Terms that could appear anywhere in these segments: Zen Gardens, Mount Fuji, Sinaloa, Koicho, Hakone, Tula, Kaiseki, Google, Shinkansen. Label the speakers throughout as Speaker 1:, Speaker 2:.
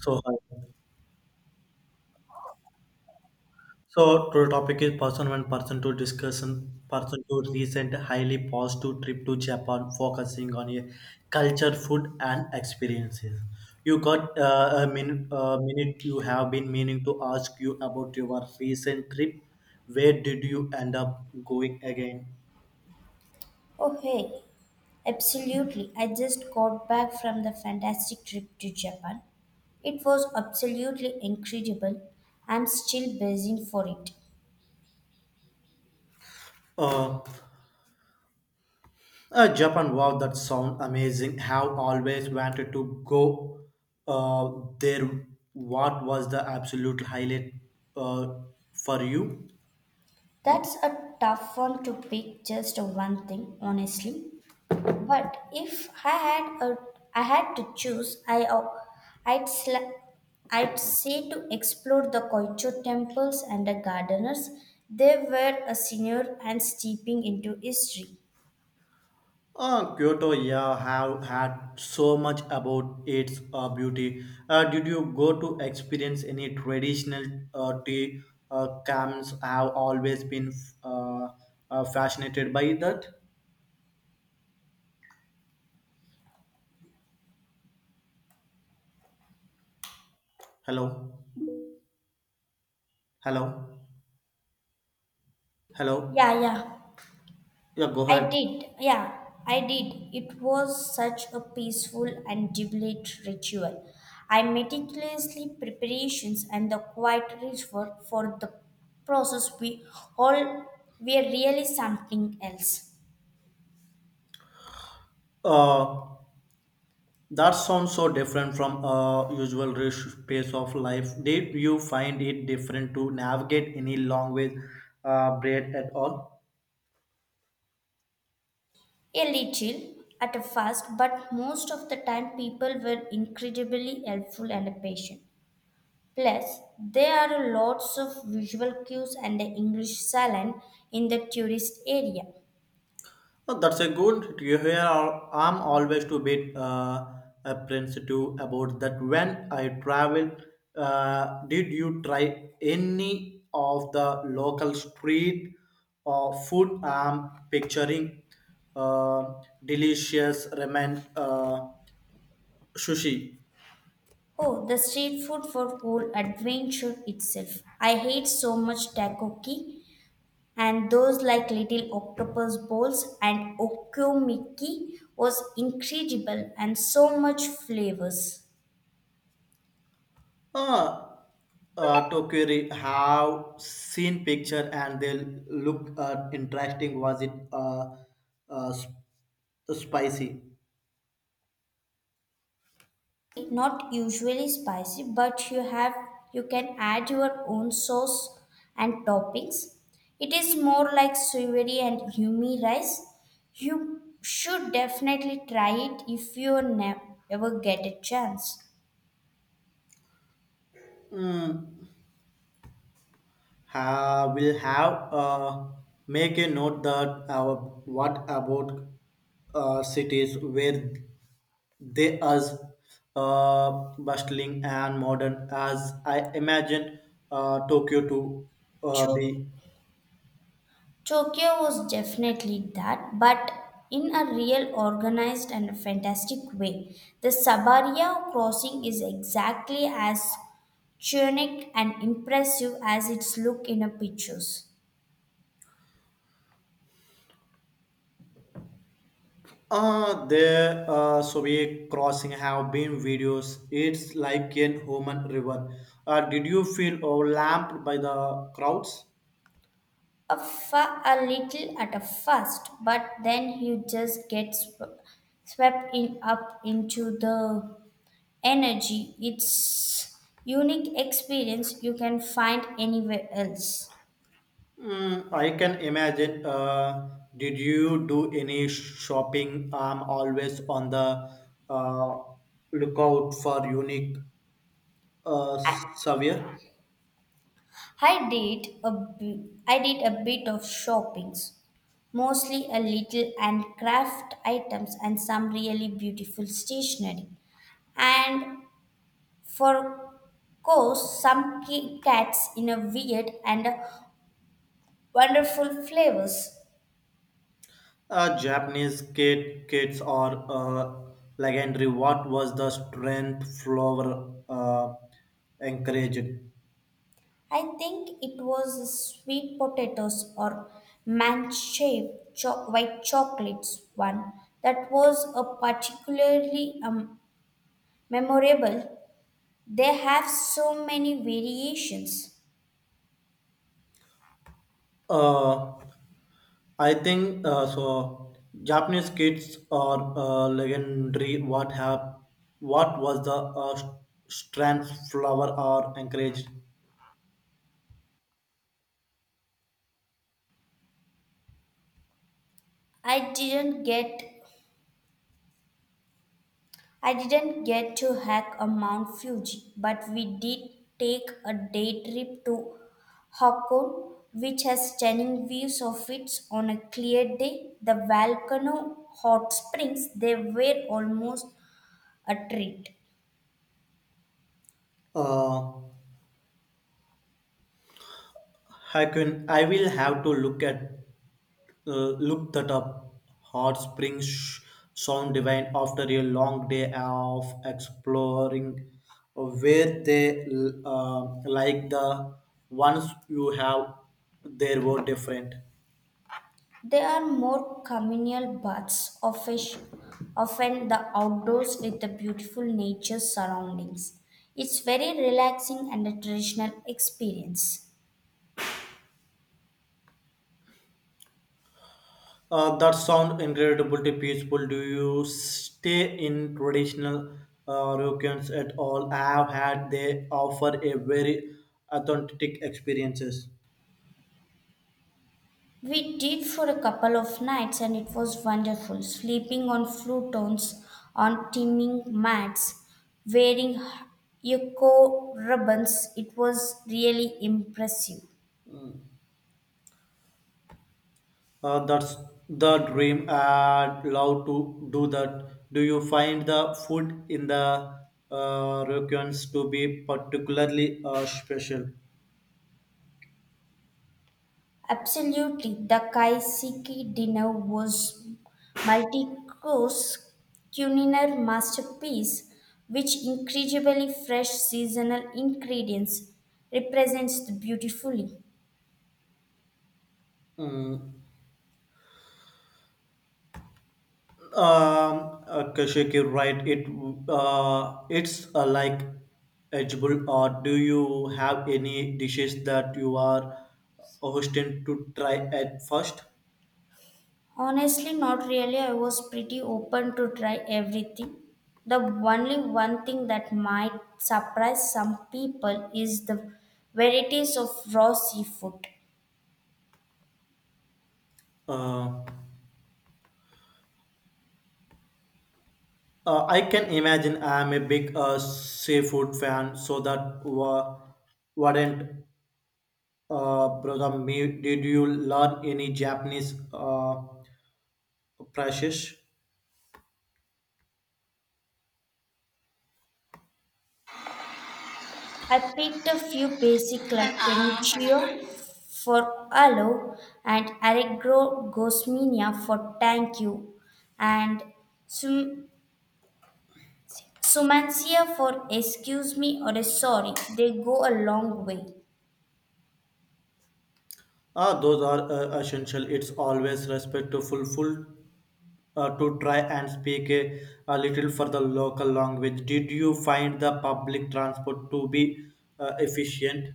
Speaker 1: So, hi. So today topic is person one, person two discussion, person two recent highly positive trip to Japan, focusing on a culture, food, and experiences. You got a minute, minute. You have been meaning to ask you about your recent trip. Where did you end up going again?
Speaker 2: Oh, hey, absolutely. I just got back from the fantastic trip to Japan. It was absolutely incredible. I'm still buzzing for it.
Speaker 1: Uh, Japan, wow, that sound amazing. Have always wanted to go uh, there. What was the absolute highlight uh, for you?
Speaker 2: That's a tough one to pick just one thing, honestly. But if I had a, I had to choose, I'd, sla- I'd say to explore the Koicho temples and the gardeners. They were a senior and steeping into history.
Speaker 1: Kyoto, yeah, have had so much about its beauty. Did you go to experience any traditional tea camps? Have always been uh, fascinated by that. Hello, hello, hello.
Speaker 2: Yeah.
Speaker 1: Yeah, go
Speaker 2: I
Speaker 1: ahead.
Speaker 2: did, yeah, I did. It was such a peaceful and jubilant ritual. I meticulously preparations and the quiet reward for the process we all were really something else.
Speaker 1: Uh, That sounds so different from a usual rush pace of life. Did you find it different to navigate any long way bread at all?
Speaker 2: A little at a first, but most of the time people were incredibly helpful and patient. Plus, there are lots of visual cues and the English salon in the tourist area.
Speaker 1: Oh, that's a good to hear. I'm always a bit apprehensive about that when I travel. Did you try any of the local street or food? I'm picturing uh, delicious ramen sushi.
Speaker 2: Oh, the street food for whole adventure itself. I hate so much takoki and those like little octopus balls and okomiki was incredible and so much flavors.
Speaker 1: Uh, to query have seen picture and they look interesting. Was it uh, sp- spicy?
Speaker 2: Not usually spicy, but you can add your own sauce and toppings. It is more like savory and yummy rice. You should definitely try it if ever get a chance.
Speaker 1: We'll have make a note that our what about cities where they as uh, bustling and modern as I imagined Tokyo to be.
Speaker 2: To- Tokyo was definitely that, but in a real organized and fantastic way. The Sabarya crossing is exactly as tunic and impressive as its look in a pictures.
Speaker 1: There so we crossing have been videos. It's like an human river. Did you feel overwhelmed by the crowds?
Speaker 2: A little at a first, but then you just swept in up into the energy. It's unique experience you can find anywhere else.
Speaker 1: Mm, I can imagine. Did you do any shopping? I'm always on the uh, lookout for unique uh, souvenir.
Speaker 2: I did a I did a bit of shoppings, mostly a little handcraft items and some really beautiful stationery. And for course, some Kit Kats in a weird and wonderful flavors.
Speaker 1: Japanese kids are legendary. What was the strength flower encouraged?
Speaker 2: I think it was sweet potatoes or white chocolates one that was a particularly memorable. They have so many variations.
Speaker 1: Uh, I think so. Japanese kids are legendary. What was the strands flower are encouraged?
Speaker 2: I didn't get I didn't get to hike a Mount Fuji, but we did take a day trip to Hakone, which has stunning views of it on a clear day. The volcano hot springs they were almost a treat.
Speaker 1: Uh, I can I will have to look at look that up. Hot springs sound divine after a long day of exploring, where they like the ones you have, they were different.
Speaker 2: There are more communal baths, often the outdoors with the beautiful nature surroundings. It's very relaxing and a traditional experience.
Speaker 1: That sound incredibly peaceful. Do you stay in traditional rooms at all? I have had they offer a very authentic experiences.
Speaker 2: We did for a couple of nights and it was wonderful, sleeping on futons, on teeming mats, wearing eco ribbons. It was really impressive.
Speaker 1: That's the dream. I'd love to do that. Do you find the food in the rooms to be particularly special?
Speaker 2: Absolutely. The Kaiseki dinner was multi-course culinary masterpiece which incredibly fresh seasonal ingredients represents the beautifully.
Speaker 1: Mm, um, okay, Shakir, right? It's like edible. Or do you have any dishes that you are hosting to try at first?
Speaker 2: Honestly, not really. I was pretty open to try everything. The only one thing that might surprise some people is the varieties of raw seafood.
Speaker 1: Uh, I can imagine I am a big seafood fan, so that wouldn't bother me. Did you learn any Japanese precious?
Speaker 2: I picked a few basic like Canicheo for hello and Aragogosminia for thank you and Sum- Sumancia for excuse me or a sorry. They go a long way.
Speaker 1: Ah, those are essential. It's always respectful, full to try and speak a little for the local language. Did you find the public transport to be efficient?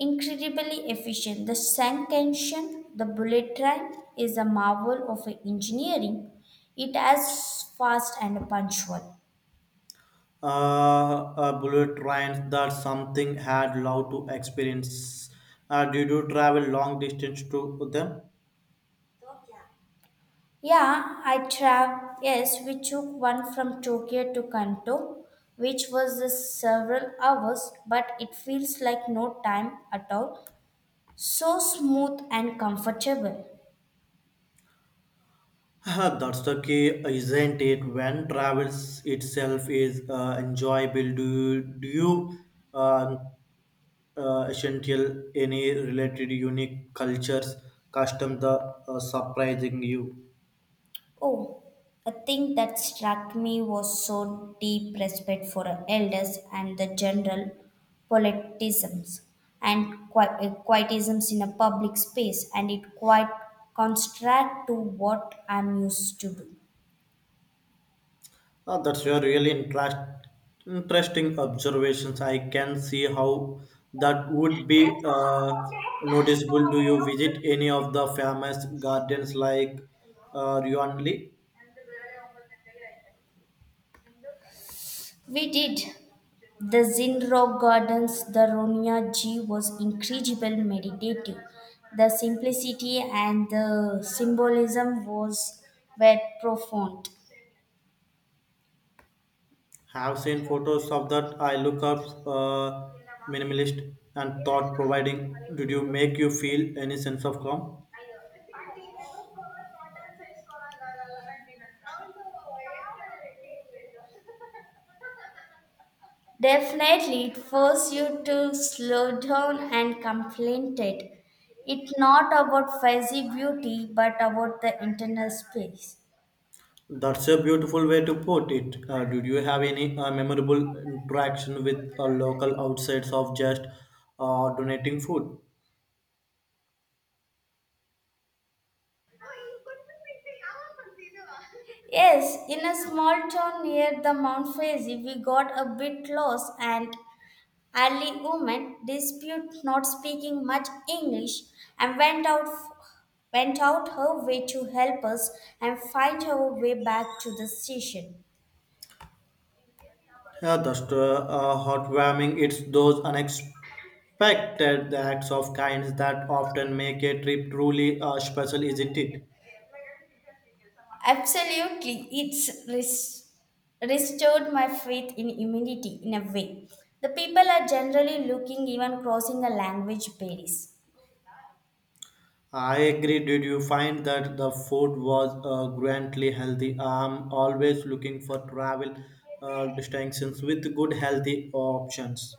Speaker 2: Incredibly efficient. The Sankantion, the bullet train, is a marvel of engineering. It is fast and punctual.
Speaker 1: Bullet trains that something had loved to experience. Did you travel long distance to them?
Speaker 2: Yeah, I travel. Yes, we took one from Tokyo to Kanto, which was several hours, but it feels like no time at all. So smooth and comfortable.
Speaker 1: Ah, that's the key, isn't it? When travels itself is enjoyable, do you uh, essential any related unique cultures custom the surprising you.
Speaker 2: Oh, a thing that struck me was so deep respect for our elders and the general politisms and quietisms in a public space, and it quite contrast to what I'm used to do.
Speaker 1: Ah, that's your really interesting observations. I can see how that would be noticeable. Do you visit any of the famous gardens like Ryonli?
Speaker 2: We did. The Zen Gardens, the Ronya G was incredible meditative. The simplicity and the symbolism was were profound.
Speaker 1: Have seen photos of that. I look up minimalist and thought providing. Did you make you feel any sense of calm?
Speaker 2: Definitely, it forced you to slow down and contemplate. It's not about fuzzy beauty, but about the internal space.
Speaker 1: That's a beautiful way to put it. Did you have any memorable interaction with a local outside of just donating food?
Speaker 2: Yes, in a small town near the Mount Faisy, we got a bit lost and Early women dispute not speaking much English and went out her way to help us and find her way back to the station.
Speaker 1: Yeah, that's heartwarming. It's those unexpected acts of kindness that often make a trip truly special, isn't it?
Speaker 2: Absolutely, restored my faith in humanity in a way. The people are generally looking even crossing the language barriers.
Speaker 1: I agree. Did you find that the food was grandly healthy? I'm always looking for travel distinctions with good healthy options.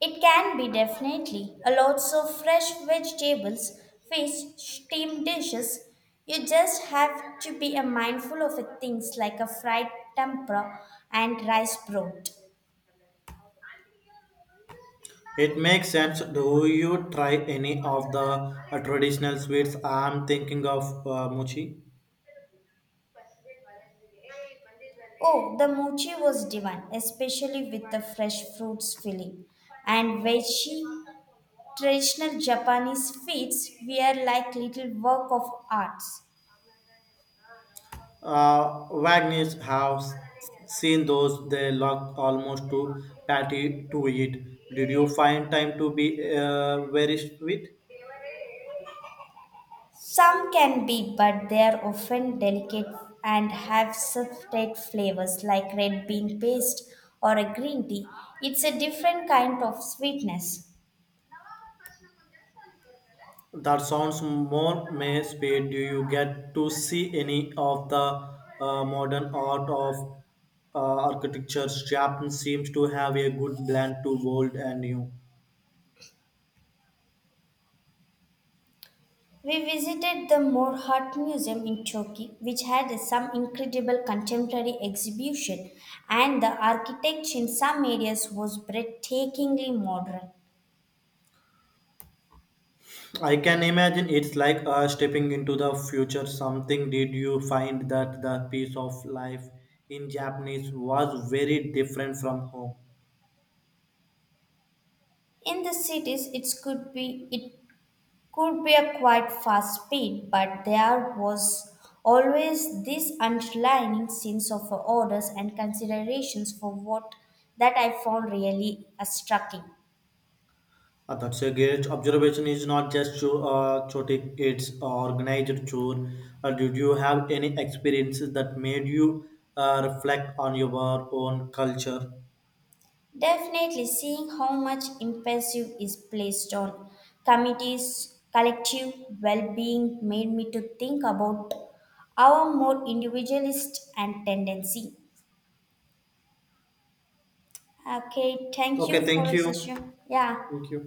Speaker 2: It can be definitely a lots of fresh vegetables, fish, steamed dishes. You just have to be a mindful of it, things like a fried tempura and rice broth.
Speaker 1: It makes sense. Do you try any of the traditional sweets? I'm thinking of mochi.
Speaker 2: Oh, the mochi was divine, especially with the fresh fruits filling. And veggie, traditional Japanese sweets were like little work of arts.
Speaker 1: Wagner's have seen those. They look almost too patty to eat. Did you find time to be very sweet?
Speaker 2: Some can be, but they are often delicate and have subtle flavors like red bean paste or a green tea. It's a different kind of sweetness.
Speaker 1: That sounds more may speed. Do you get to see any of the modern art of architecture? Japan seems to have a good blend to old and new.
Speaker 2: We visited the Moor Heart Museum in Turkey, which had some incredible contemporary exhibition, and the architecture in some areas was breathtakingly modern.
Speaker 1: I can imagine it's like stepping into the future. Something did you find that the piece of life in Japanese was very different from home?
Speaker 2: In the cities, it could be a quite fast speed, but there was always this underlying sense of orders and considerations for what that I found really striking.
Speaker 1: That's a great observation. Is not just chotic; it's organized chore. Did you have any experiences that made you reflect on your own culture?
Speaker 2: Definitely seeing how much emphasis is placed on committees, collective well-being made me to think about our more individualist and tendency. Okay, thank
Speaker 1: Okay,
Speaker 2: you
Speaker 1: thank
Speaker 2: for the
Speaker 1: you.
Speaker 2: session. Yeah.
Speaker 1: Thank you.